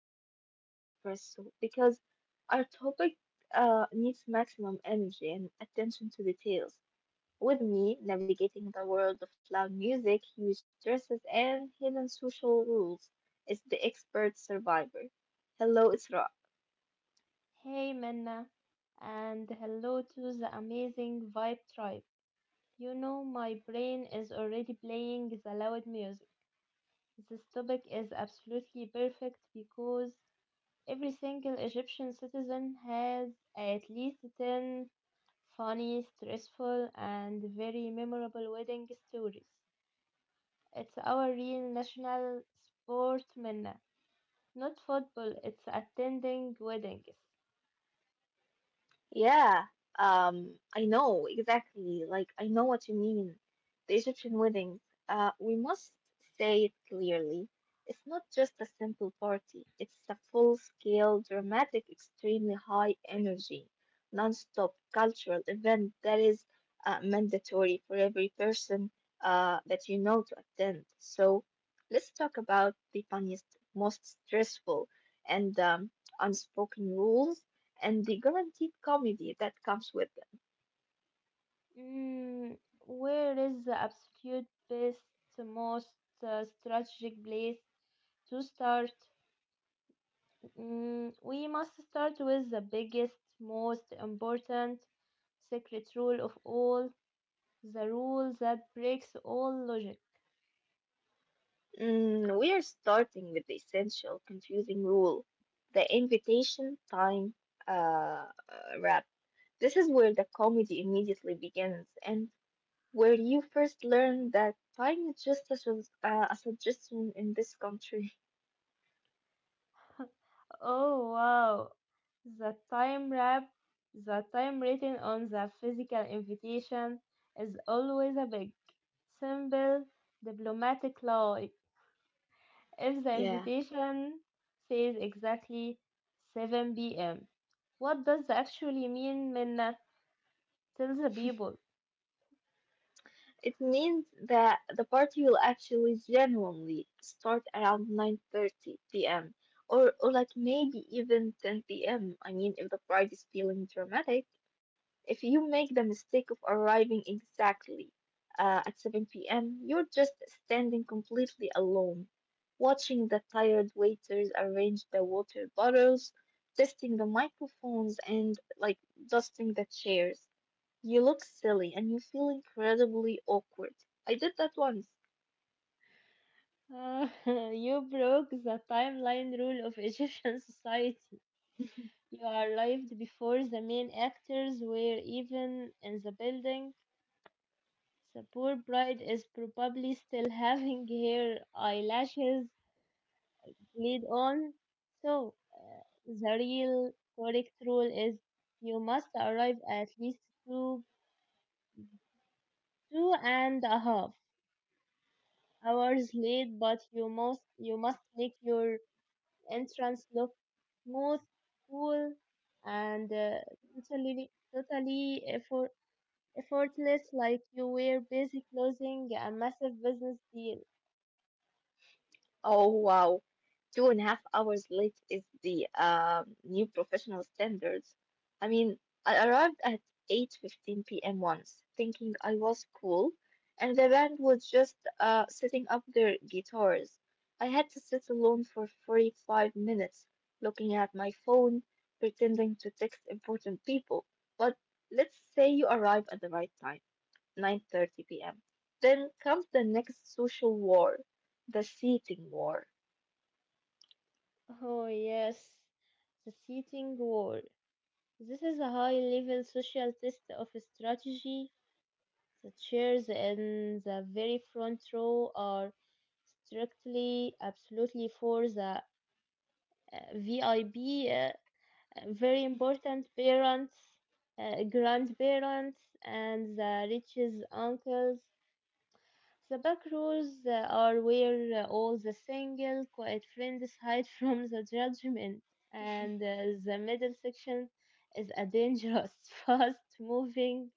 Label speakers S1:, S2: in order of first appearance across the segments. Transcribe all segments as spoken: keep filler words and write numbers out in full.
S1: need a massive espresso because our topic uh, needs maximum energy and attention to details. With me navigating the world of loud music, huge stresses, and hidden social rules is the expert survivor. Hello, Isra.
S2: Hey Minna, and hello to the amazing Vibe Tribe. You know, my brain is already playing the loud music. This topic is absolutely perfect because every single Egyptian citizen has at least ten funny, stressful, and very memorable wedding stories. It's our real national sport, Minna. Not football, it's attending weddings.
S1: Yeah, um, I know exactly. Like, I know what you mean. The Egyptian weddings, uh, we must say it clearly. It's not just a simple party, it's a full-scale, dramatic, extremely high energy, non-stop cultural event that is uh, mandatory for every person uh, that you know to attend. So, let's talk about the funniest, most stressful, and um, unspoken rules and the guaranteed comedy that comes with them.
S2: Mm, where is the absolute best, most uh, strategic place to start? Mm, we must start with the biggest, most important secret rule of all, the rule that breaks all logic.
S1: Mm, we are starting with the essential confusing rule the invitation time uh, wrap. This is where the comedy immediately begins and where you first learn that time is just a, sus- uh, a suggestion in this country.
S2: Oh wow, the time wrap, the time written on the physical invitation is always a big, simple, diplomatic lie. If the
S1: Yeah.
S2: invitation says exactly seven p m, what does that actually mean, Minna? Tell the people.
S1: It means that the party will actually genuinely start around nine thirty p m or or like maybe even ten p m. I mean, if the bride is feeling dramatic, if you make the mistake of arriving exactly uh, at seven p m, you're just standing completely alone, watching the tired waiters arrange the water bottles, testing the microphones, and like dusting the chairs. You look silly and you feel incredibly awkward. I did that once.
S2: Uh, you broke the timeline rule of Egyptian society. You arrived before the main actors were even in the building. The poor bride is probably still having her eyelashes lead on. So, uh, the real correct rule is you must arrive at least two two and a half hours late, but you must you must make your entrance look smooth, cool, and uh, totally totally effort, effortless, like you were busy closing a massive business deal.
S1: Oh wow. Two and a half hours late is the um, new professional standards. I mean, I arrived at eight fifteen p m once, thinking I was cool, and the band was just uh, setting up their guitars. I had to sit alone for forty-five minutes, looking at my phone, pretending to text important people. But let's say you arrive at the right time. nine thirty p m. Then comes the next social war, the seating war.
S2: Oh yes, the seating war. This is a high-level social test of strategy. The chairs in the very front row are strictly, absolutely for the uh, VIB, uh, very important parents, uh, grandparents, and the richest uncles. The back rows uh, are where uh, all the single, quiet friends hide from the judgment, and uh, the middle section is a dangerous, fast-moving,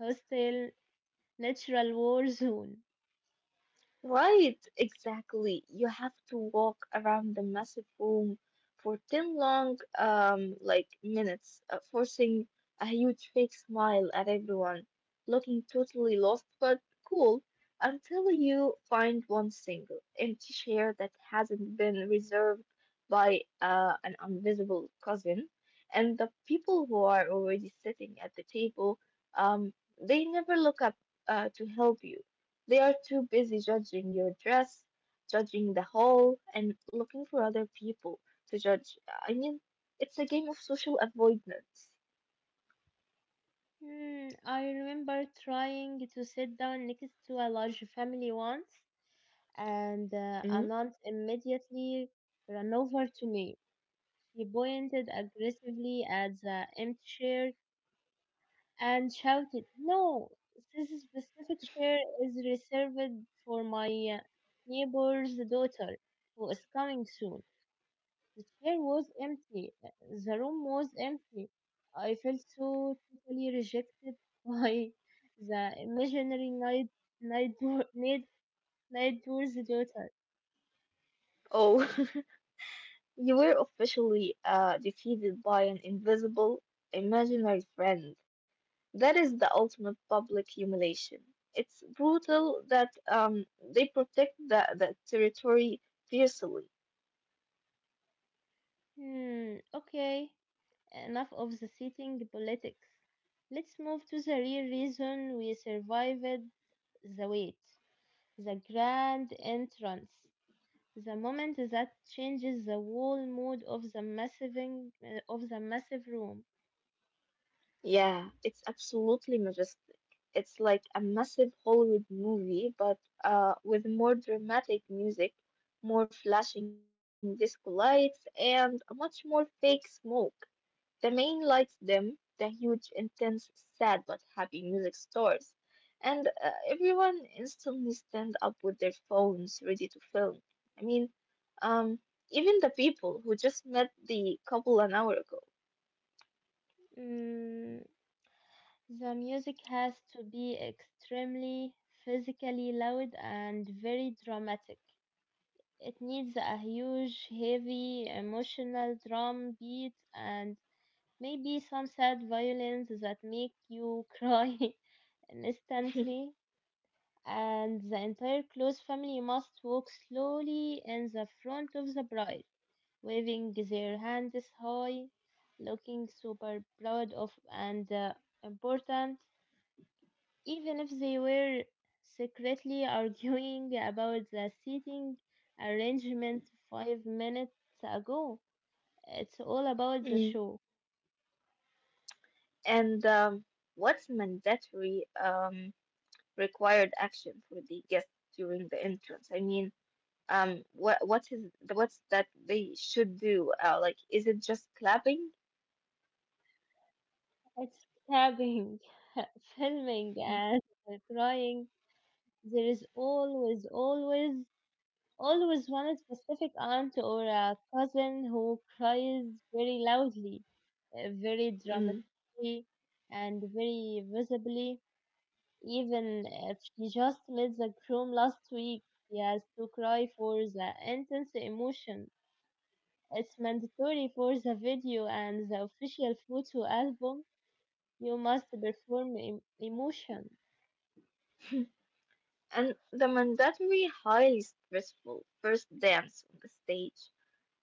S2: hostile, natural war zone.
S1: Right, exactly. You have to walk around the massive room for ten long, um, like minutes, uh, forcing a huge fake smile at everyone, looking totally lost but cool, until you find one single empty chair that hasn't been reserved by uh, an invisible cousin, and the people who are already sitting at the table, um, they never look up uh, to help you. They are too busy judging your dress, judging the haul, and looking for other people to judge. I mean, it's a game of social avoidance.
S2: Hmm, I remember trying to sit down next to a large family once, and uh,
S1: Mm.
S2: an aunt immediately ran over to me. She pointed aggressively at the empty chair and shouted, No, this specific chair is reserved for my uh, neighbor's daughter, who is coming soon. The chair was empty. uh, The room was empty. I felt so totally rejected by the imaginary night night door, night, night door's daughter.
S1: Oh, you were officially uh, defeated by an invisible, imaginary friend. That is the ultimate public humiliation. It's brutal that um, they protect the, the territory fiercely.
S2: Hmm, okay, enough of the sitting politics. Let's move to the real reason we survived the wait, the grand entrance, the moment that changes the whole mood of the massive of the massive room.
S1: Yeah, it's absolutely majestic. It's like a massive Hollywood movie, but uh, with more dramatic music, more flashing disco lights, and much more fake smoke. The main lights dim, the huge, intense, sad but happy music stores, and uh, everyone instantly stand up with their phones ready to film. I mean, um, even the people who just met the couple an hour ago.
S2: Mm, the music has to be extremely physically loud and very dramatic. It needs a huge, heavy, emotional drum beat and maybe some sad violins that make you cry instantly, and the entire close family must walk slowly in the front of the bride, waving their hands high, looking super proud of and uh, important, even if they were secretly arguing about the seating arrangement five minutes ago. It's all about the
S1: Hmm.
S2: show.
S1: And um, what's mandatory um, required action for the guest during the entrance? I mean, um, what what is what's that they should do? Uh, like, is it just clapping?
S2: It's clapping, filming,
S1: Mhm.
S2: and crying. There is always, always always one specific aunt or a cousin who cries very loudly, uh, very
S1: Mm.
S2: dramatically, and very visibly. Even if she just left the room last week, she has to cry for the intense emotion. It's mandatory for the video and the official photo album. You must perform em- emotion.
S1: And the mandatory highly stressful first dance on the stage.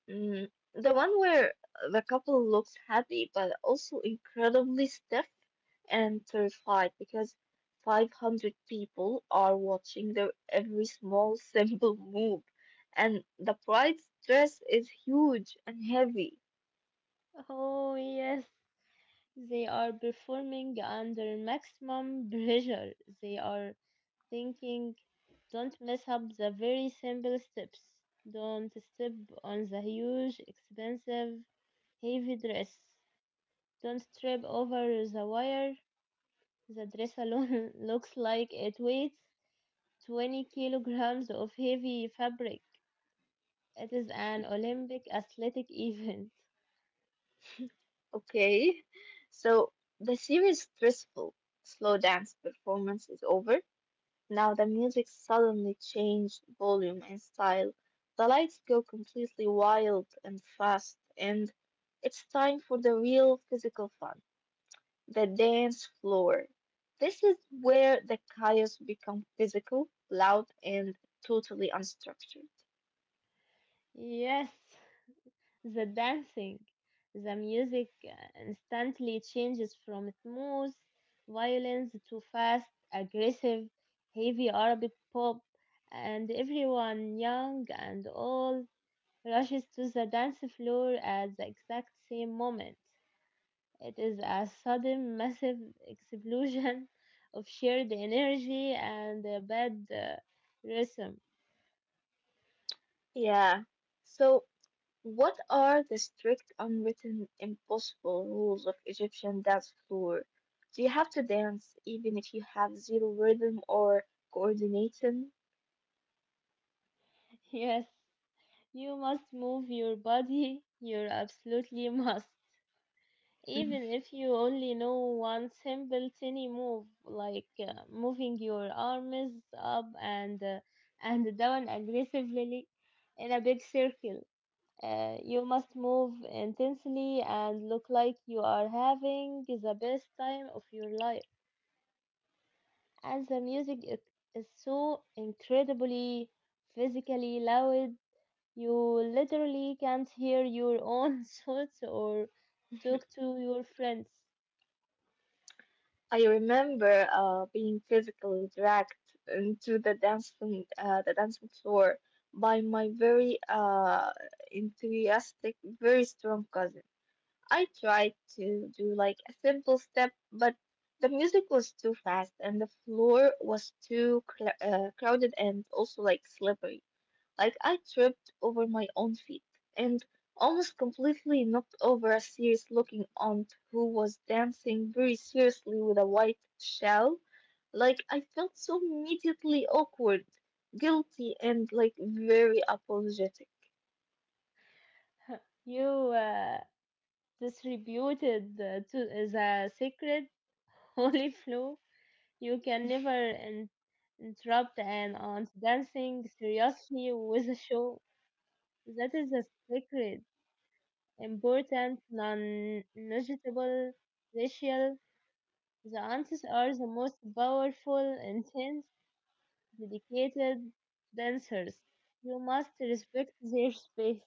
S1: Mm, the one where the couple looks happy but also incredibly stiff and terrified because five hundred people are watching their every small simple move, and the bride's dress is huge and heavy.
S2: Oh, yes. They are performing under maximum pressure. They are thinking don't mess up the very simple steps. Don't step on the huge, expensive, heavy dress. Don't trip over the wire. The dress alone looks like it weighs twenty kilograms of heavy fabric. It is an Olympic athletic event.
S1: Okay, so the series stressful slow dance performance is over. Now the music suddenly changed volume and style. The lights go completely wild and fast, and it's time for the real physical fun, the dance floor. This is where the chaos becomes physical, loud, and totally unstructured.
S2: Yes, the dancing, the music uh, instantly changes from smooth violins to fast, aggressive, heavy Arabic pop, and everyone, young and old, rushes to the dance floor at the exact same moment. It is a sudden, massive explosion of shared energy and a bad uh, rhythm.
S1: Yeah. So what are the strict, unwritten, impossible rules of Egyptian dance floor? Do you have to dance even if you have zero rhythm or coordination?
S2: Yes, you must move your body, you absolutely must.
S1: Mhm.
S2: Even if you only know one simple tiny move, like uh, moving your arms up and uh, and down aggressively in a big circle, uh, you must move intensely and look like you are having the best time of your life. And the music, it is so incredibly physically loud, you literally can't hear your own thoughts or talk to your friends.
S1: I remember uh, being physically dragged into the dancing uh, the dancing floor by my very uh, enthusiastic, very strong cousin. I tried to do like a simple step, but the music was too fast and the floor was too cl- uh, crowded and also like slippery. Like I tripped over my own feet and almost completely knocked over a serious looking aunt who was dancing very seriously with a white shell. Like I felt so immediately awkward, guilty, and like very apologetic.
S2: You uh, distributed the, to the secret holy flow. You can never in- interrupt an aunt dancing seriously with a show. That is a secret, important, non-negotiable ritual. The aunts are the most powerful, intense, dedicated dancers. You must respect their space.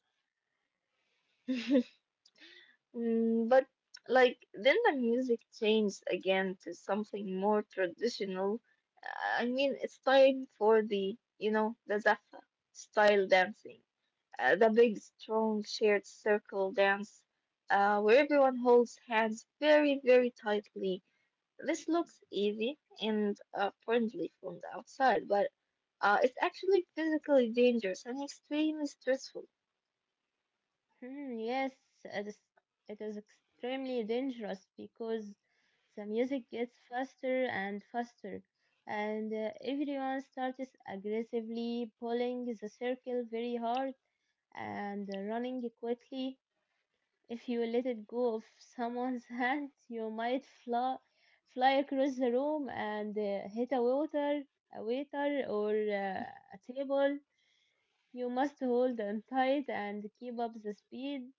S1: Mm, but like then the music changed again to something more traditional. Uh, I mean, it's time for the, you know, the Zaffa style dancing, uh, the big, strong, shared circle dance, uh, where everyone holds hands very, very tightly. This looks easy and uh, friendly from the outside, but uh, it's actually physically dangerous and extremely stressful.
S2: Hmm, yes, it is, it is extremely dangerous because the music gets faster and faster, and uh, everyone starts aggressively pulling the circle very hard and uh, running quickly. If you let it go of someone's hand, you might fly, fly across the room and uh, hit a waiter, a waiter, or uh, a table. You must hold on tight and keep up the speed.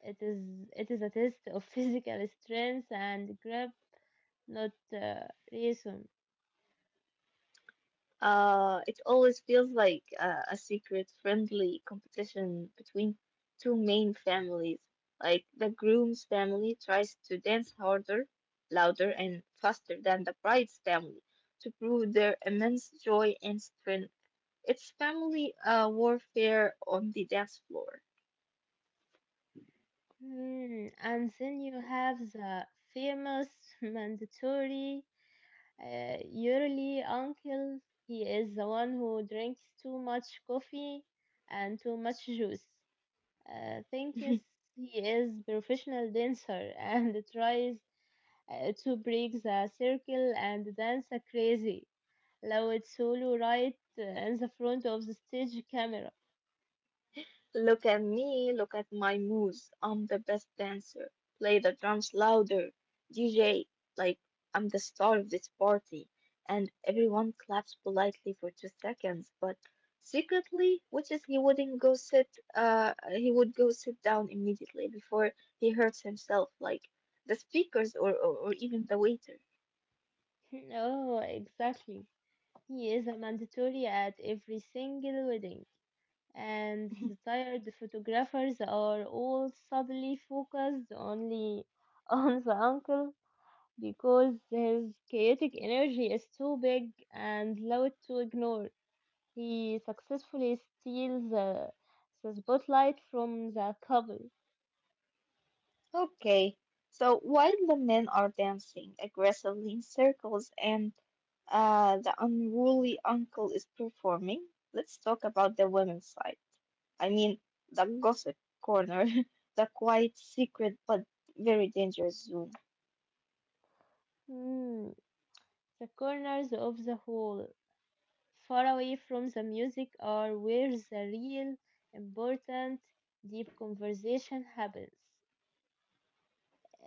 S2: It is it is a test of physical strength and grip, not uh, reason.
S1: Uh, it always feels like uh, a secret, friendly competition between two main families. Like the groom's family tries to dance harder, louder, and faster than the bride's family to prove their immense joy and strength. It's family uh, warfare on the dance floor.
S2: Hmm, And then you have the famous mandatory uh, yearly uncle. He is the one who drinks too much coffee and too much juice. Uh, thinks he is professional dancer and tries uh, to break the circle and dance crazy. لو تصوله right in the front of the stage camera.
S1: Look at me, look at my moves. I'm the best dancer. Play the drums louder. D J, like, I'm the star of this party. And everyone claps politely for two seconds, but secretly, which is he wouldn't go sit, uh, he would go sit down immediately before he hurts himself, like the speakers or, or, or even the waiter.
S2: Oh, exactly. He is a mandatory at every single wedding. And the tired photographers are all suddenly focused only on the uncle because his chaotic energy is too big and loud to ignore. He successfully steals the, the spotlight from the couple.
S1: Okay, so while the men are dancing aggressively in circles and uh, the unruly uncle is performing, let's talk about the women's side. I mean, the gossip corner, the quiet, secret, but very dangerous zone.
S2: Hmm, the corners of the hall, far away from the music, are where the real, important, deep conversation happens.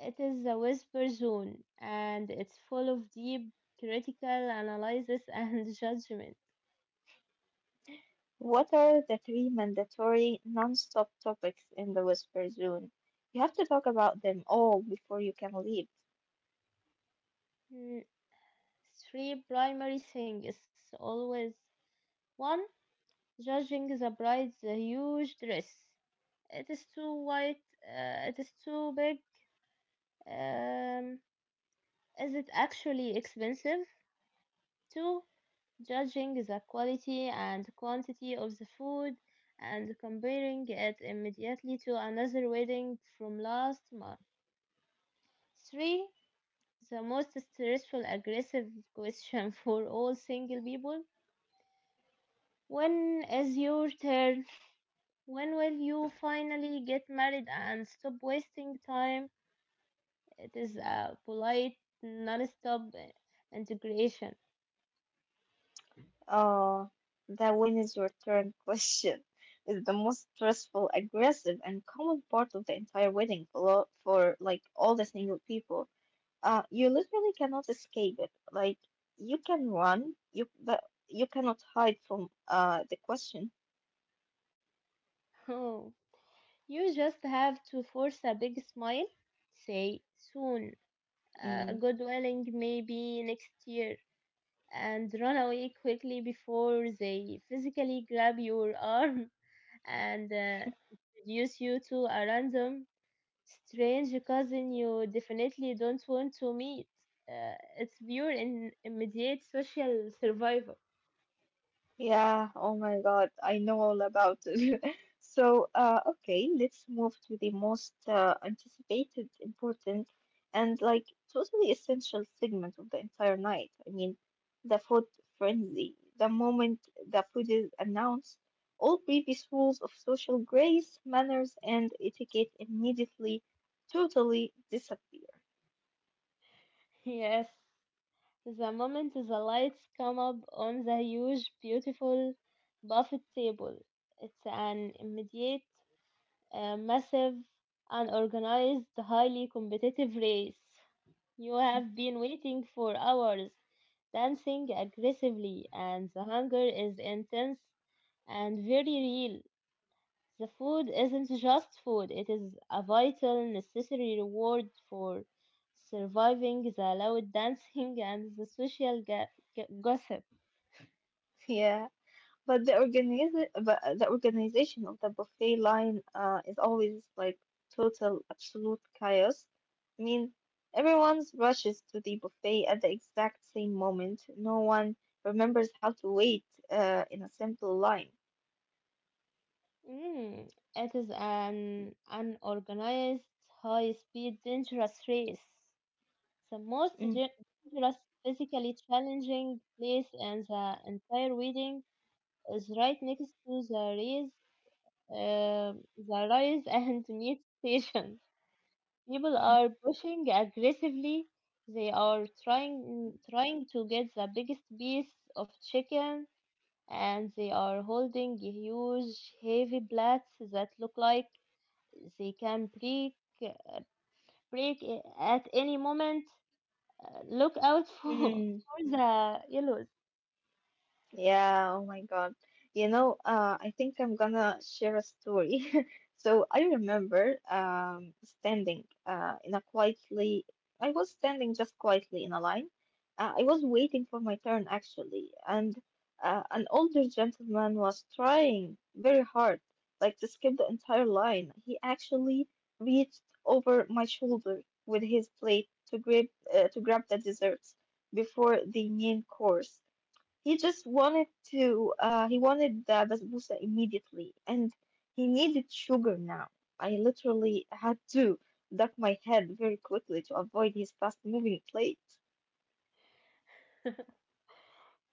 S2: It is the whisper zone and it's full of deep critical analysis and judgment.
S1: What are the three mandatory non-stop topics in the whisper zone? You have to talk about them all before you can leave.
S2: Mm, Three primary things always. One, judging the bride's huge dress. It is too white, uh, it is too big. Um, is it actually expensive? Two, judging the quality and quantity of the food and comparing it immediately to another wedding from last month. Three, the most stressful, aggressive question for all single people. When is your turn? When will you finally get married and stop wasting time? It is a polite, non stop integration.
S1: Oh, the when is your turn question is the most stressful, aggressive, and common part of the entire wedding for, lo- for like all the single people. Uh, you literally cannot escape it. Like you can run, you but you cannot hide from uh the question.
S2: You just have to force a big smile, say soon,
S1: Mm.
S2: uh, good willing, maybe next year, and run away quickly before they physically grab your arm and uh, introduce you to a random strange cousin you definitely don't want to meet. Uh, it's pure and immediate social survival.
S1: Yeah, oh my God, I know all about it. So, uh, okay, let's move to the most uh, anticipated, important, and like totally essential segment of the entire night. I mean, the food frenzy. The moment the food is announced, all previous rules of social grace, manners, and etiquette immediately, totally disappear.
S2: Yes. The moment the lights come up on the huge, beautiful buffet table, it's an immediate, uh, massive, unorganized, highly competitive race. You have been waiting for hours, dancing aggressively, and the hunger is intense and very real. The food isn't just food, it is a vital, necessary reward for surviving the loud dancing and the social ga- ga- gossip.
S1: Yeah. But the organiz but the organization of the buffet line uh, is always like total, absolute chaos. I mean, everyone rushes to the buffet at the exact same moment. No one remembers how to wait uh, in a simple line.
S2: Mm, it is an unorganized, high speed, dangerous race. The most
S1: Mm.
S2: ge- dangerous, physically challenging place in the entire wedding is right next to the race, uh, the rise and meat station. People are pushing aggressively. They are trying trying to get the biggest piece of chicken, and they are holding huge, heavy plates that look like they can break uh, break i- at any moment. Uh, look out for, for the yellows.
S1: Yeah, oh my God. You know, uh, I think I'm gonna share a story. So I remember um, standing uh, in a quietly, I was standing just quietly in a line. Uh, I was waiting for my turn actually, and uh, an older gentleman was trying very hard, like to skip the entire line. He actually reached over my shoulder with his plate to grab uh, to grab the desserts before the main course. He just wanted to, uh, he wanted the basbousa immediately, and he needed sugar now. I literally had to duck my head very quickly to avoid his fast-moving plate.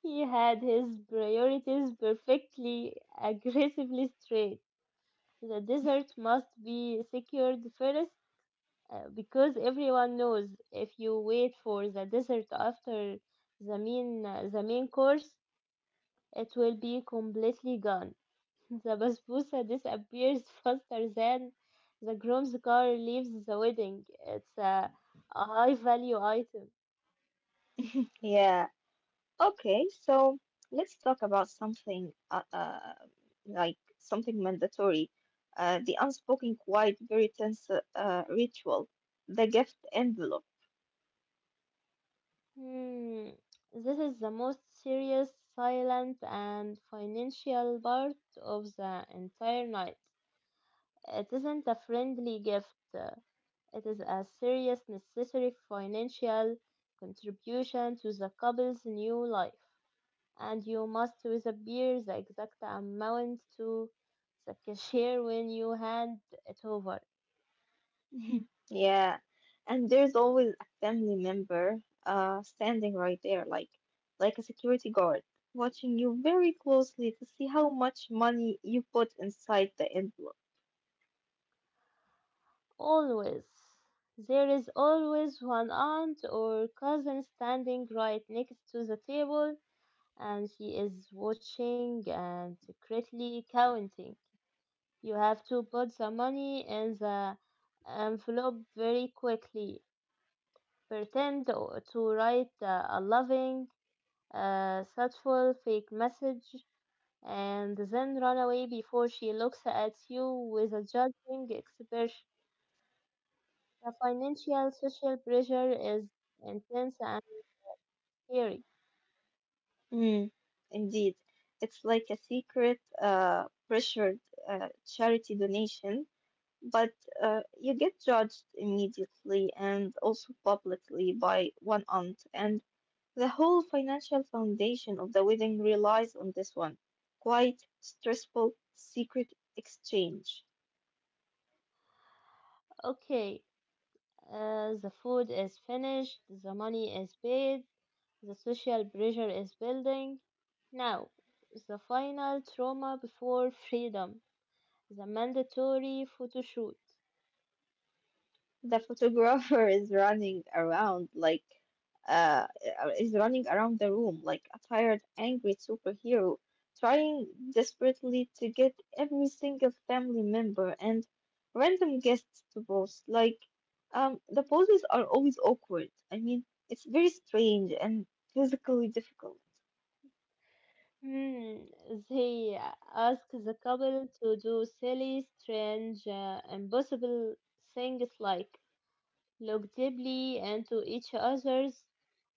S2: He had his priorities perfectly aggressively straight. The desert must be secured first uh, because everyone knows if you wait for the dessert after the main uh, the main course, it will be completely gone. The basbousa disappears faster than the groom's car leaves the wedding. It's a, a high value item.
S1: Yeah, okay, so let's talk about something, uh, uh, like something mandatory, uh, the unspoken, quiet, very tense, uh, uh, ritual, the gift envelope.
S2: Hmm. This is the most serious, silent, and financial part of the entire night. It isn't a friendly gift. It is a serious necessary financial contribution to the couple's new life, and you must disappear the exact amount to the cashier when you hand it over.
S1: Yeah, and there's always a family member uh standing right there, like like a security guard, watching you very closely to see how much money you put inside the envelope.
S2: Always. There is always one aunt or cousin standing right next to the table, and she is watching and secretly counting. You have to put the money in the envelope very quickly, pretend o- to write uh, a loving, uh, thoughtful fake message and then run away before she looks at you with a judging expression. The financial social pressure is intense and scary.
S1: Mm, indeed, it's like a secret uh pressured uh, charity donation, but uh, you get judged immediately and also publicly by one aunt and the whole financial foundation of the wedding relies on this one quite stressful secret exchange.
S2: Okay, uh, the food is finished, the money is paid, the social pressure is building. Now, the final trauma before freedom, the mandatory photo shoot.
S1: The photographer is running around like uh, is running around the room like a tired, angry superhero, trying desperately to get every single family member and random guests to pose. Like, um, the poses are always awkward. I mean, it's very strange and physically difficult.
S2: Hmm, they ask the couple to do silly, strange, uh, impossible things like look deeply into each other's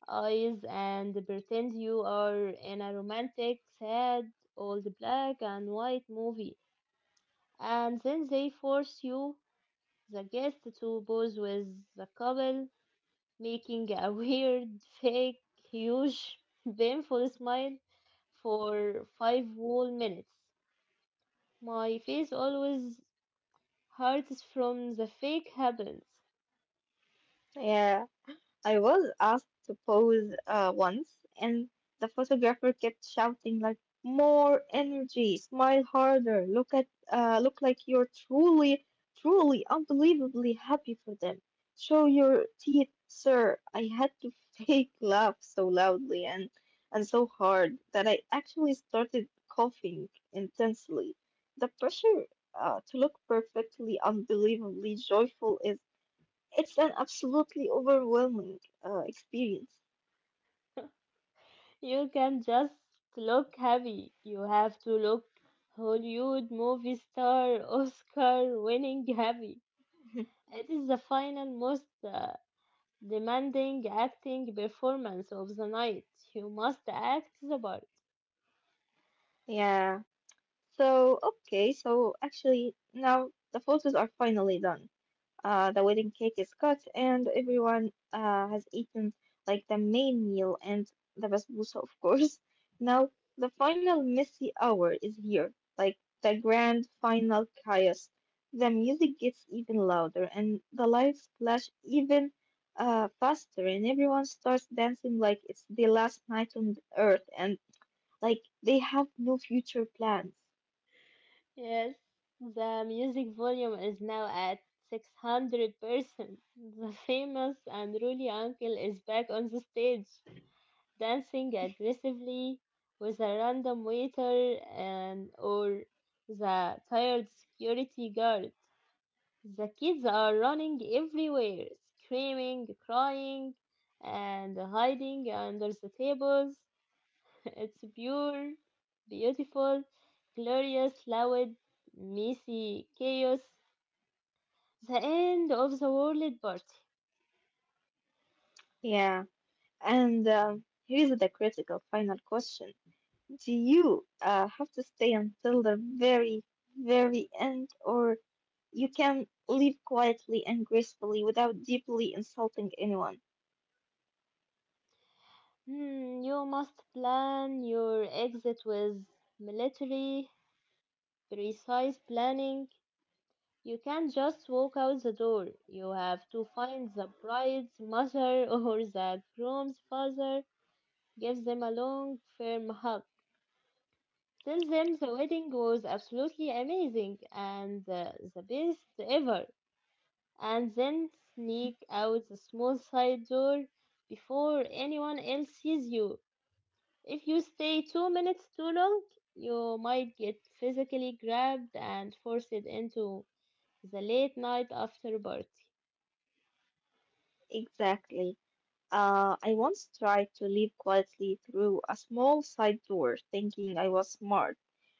S2: eyes and pretend you are in a romantic, sad, old black and white movie. And then they force you, the guest, to pose with the couple, making a weird, fake, huge, painful smile for five whole minutes. My face always hurts from the fake happiness.
S1: Yeah. I was asked to pose uh, once, and the photographer kept shouting like, "More energy! Smile harder! Look at, uh, look like you're truly, truly, unbelievably happy for them. Show your teeth, sir!" I had to fake laugh so loudly and and so hard that I actually started coughing intensely. The pressure uh, to look perfectly, unbelievably joyful is it's an absolutely overwhelming uh, experience.
S2: You can just look happy. You have to look Hollywood movie star, Oscar winning happy. It is the final, most uh, demanding acting performance of the night. You must act the part.
S1: Yeah. So, okay, so actually now the photos are finally done. Uh, the wedding cake is cut, and everyone uh, has eaten like the main meal and the basbousa, of course. Now, the final messy hour is here, like the grand final chaos. The music gets even louder, and the lights flash even uh, faster, and everyone starts dancing like it's the last night on earth, and like they have no future plans.
S2: Yes, the music volume is now at six hundred percent. The famous and unruly uncle is back on the stage, dancing aggressively with a random waiter and or the tired security guard. The kids are running everywhere, screaming, crying, and hiding under the tables. It's pure, beautiful, glorious, loud, messy chaos. The end of the world party.
S1: Yeah, and um, here's the critical final question. Do you uh, have to stay until the very, very end, or you can leave quietly and gracefully without deeply insulting anyone?
S2: Hmm, you must plan your exit with military precise planning. You can't just walk out the door. You have to find the bride's mother or the groom's father, give them a long, firm hug. Tell them the wedding was absolutely amazing and uh, the best ever. And then sneak out the small side door before anyone else sees you. If you stay two minutes too long, you might get physically grabbed and forced into the late night after party.
S1: Exactly. Uh, I once tried to leave quietly through a small side door, thinking I was smart.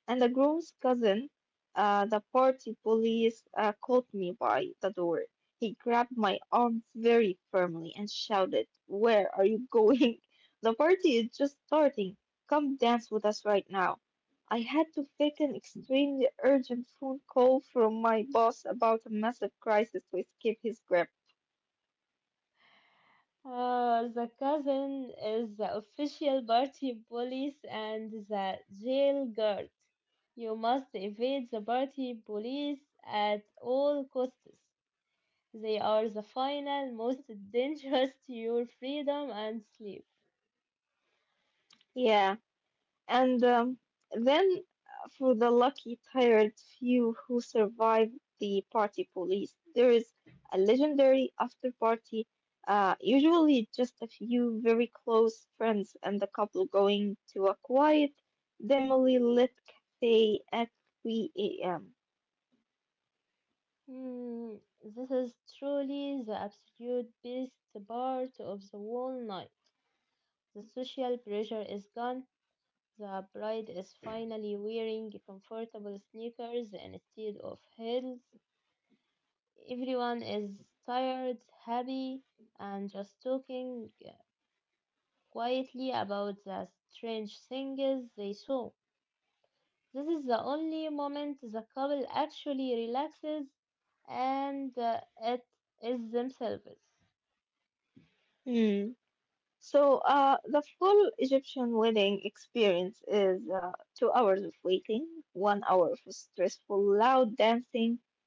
S1: And the groom's cousin, uh, the party police, uh, caught me by the door. He grabbed my arm very firmly and shouted, Where are you going? The party is just starting. Come dance with us right now. I had to fake an extremely urgent phone call from my boss about a massive crisis to escape his grip.
S2: Uh, the cousin is the official party police and the jail guard. You must evade the party police at all costs. They are the final, most dangerous to your freedom and sleep.
S1: Yeah. And um, then, uh, for the lucky, tired few who survived the party police, there is a legendary after party, uh, usually just a few very close friends and the couple going to a quiet, dimly lit cafe at three a m.
S2: Hmm, this is truly the absolute best part of the whole night. The social pressure is gone. The bride is finally wearing comfortable sneakers instead of heels. Everyone is tired, happy, and just talking quietly about the strange things they saw. This is the only moment the couple actually relaxes and uh, it is themselves.
S1: Hmm. So, uh, the full Egyptian wedding experience is uh, two hours of waiting, one hour of stressful loud dancing,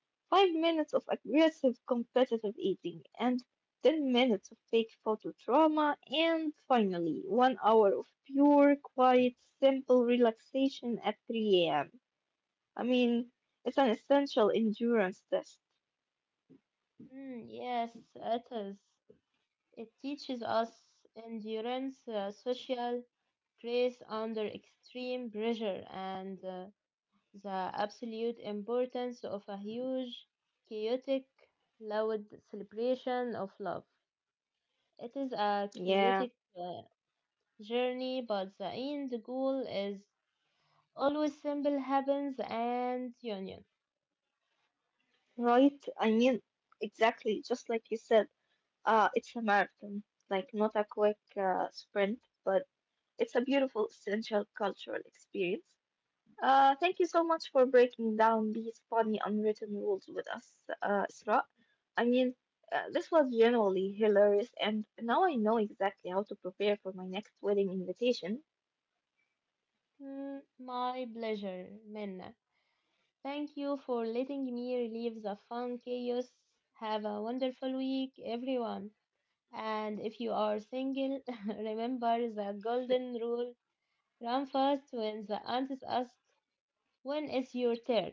S1: five minutes of aggressive competitive eating, and ten minutes of fake photo trauma, and finally, one hour of pure, quiet, simple relaxation at three a m. I mean, it's an essential endurance test.
S2: Hmm, yes, it is. It teaches us endurance, uh, social grace under extreme pressure, and uh, the absolute importance of a huge, chaotic, loud celebration of love. It is a chaotic
S1: Yeah,
S2: uh, journey, but the end goal is always simple happens and union.
S1: right? I mean, exactly, just like you said, uh, it's a marathon, like not a quick uh, sprint, but it's a beautiful, essential cultural experience. Uh, thank you so much for breaking down these funny unwritten rules with us, uh, Isra. I mean, uh, this was genuinely hilarious, and now I know exactly how to prepare for my next wedding invitation.
S2: Mm, my pleasure, Minna. Thank you for letting me relieve the fun chaos. Have a wonderful week, everyone. And if you are single, remember the golden rule, run fast when the aunties ask, When is your turn?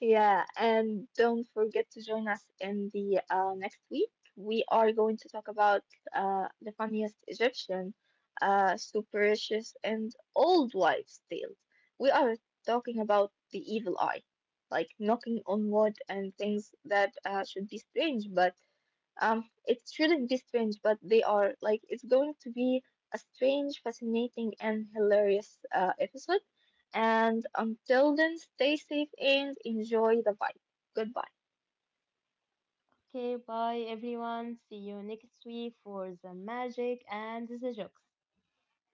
S1: Yeah, and don't forget to join us in the uh, next week. We are going to talk about uh, the funniest Egyptian, uh, superstitious, and old wives' tales. We are talking about the evil eye, like knocking on wood and things that uh, should be strange but um, it shouldn't be strange, but they are. Like, it's going to be a strange, fascinating, and hilarious uh, episode. And until then, stay safe and enjoy the vibe. Goodbye.
S2: Okay, bye everyone. See you next week for the magic and the jokes.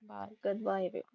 S2: Bye.
S1: Goodbye,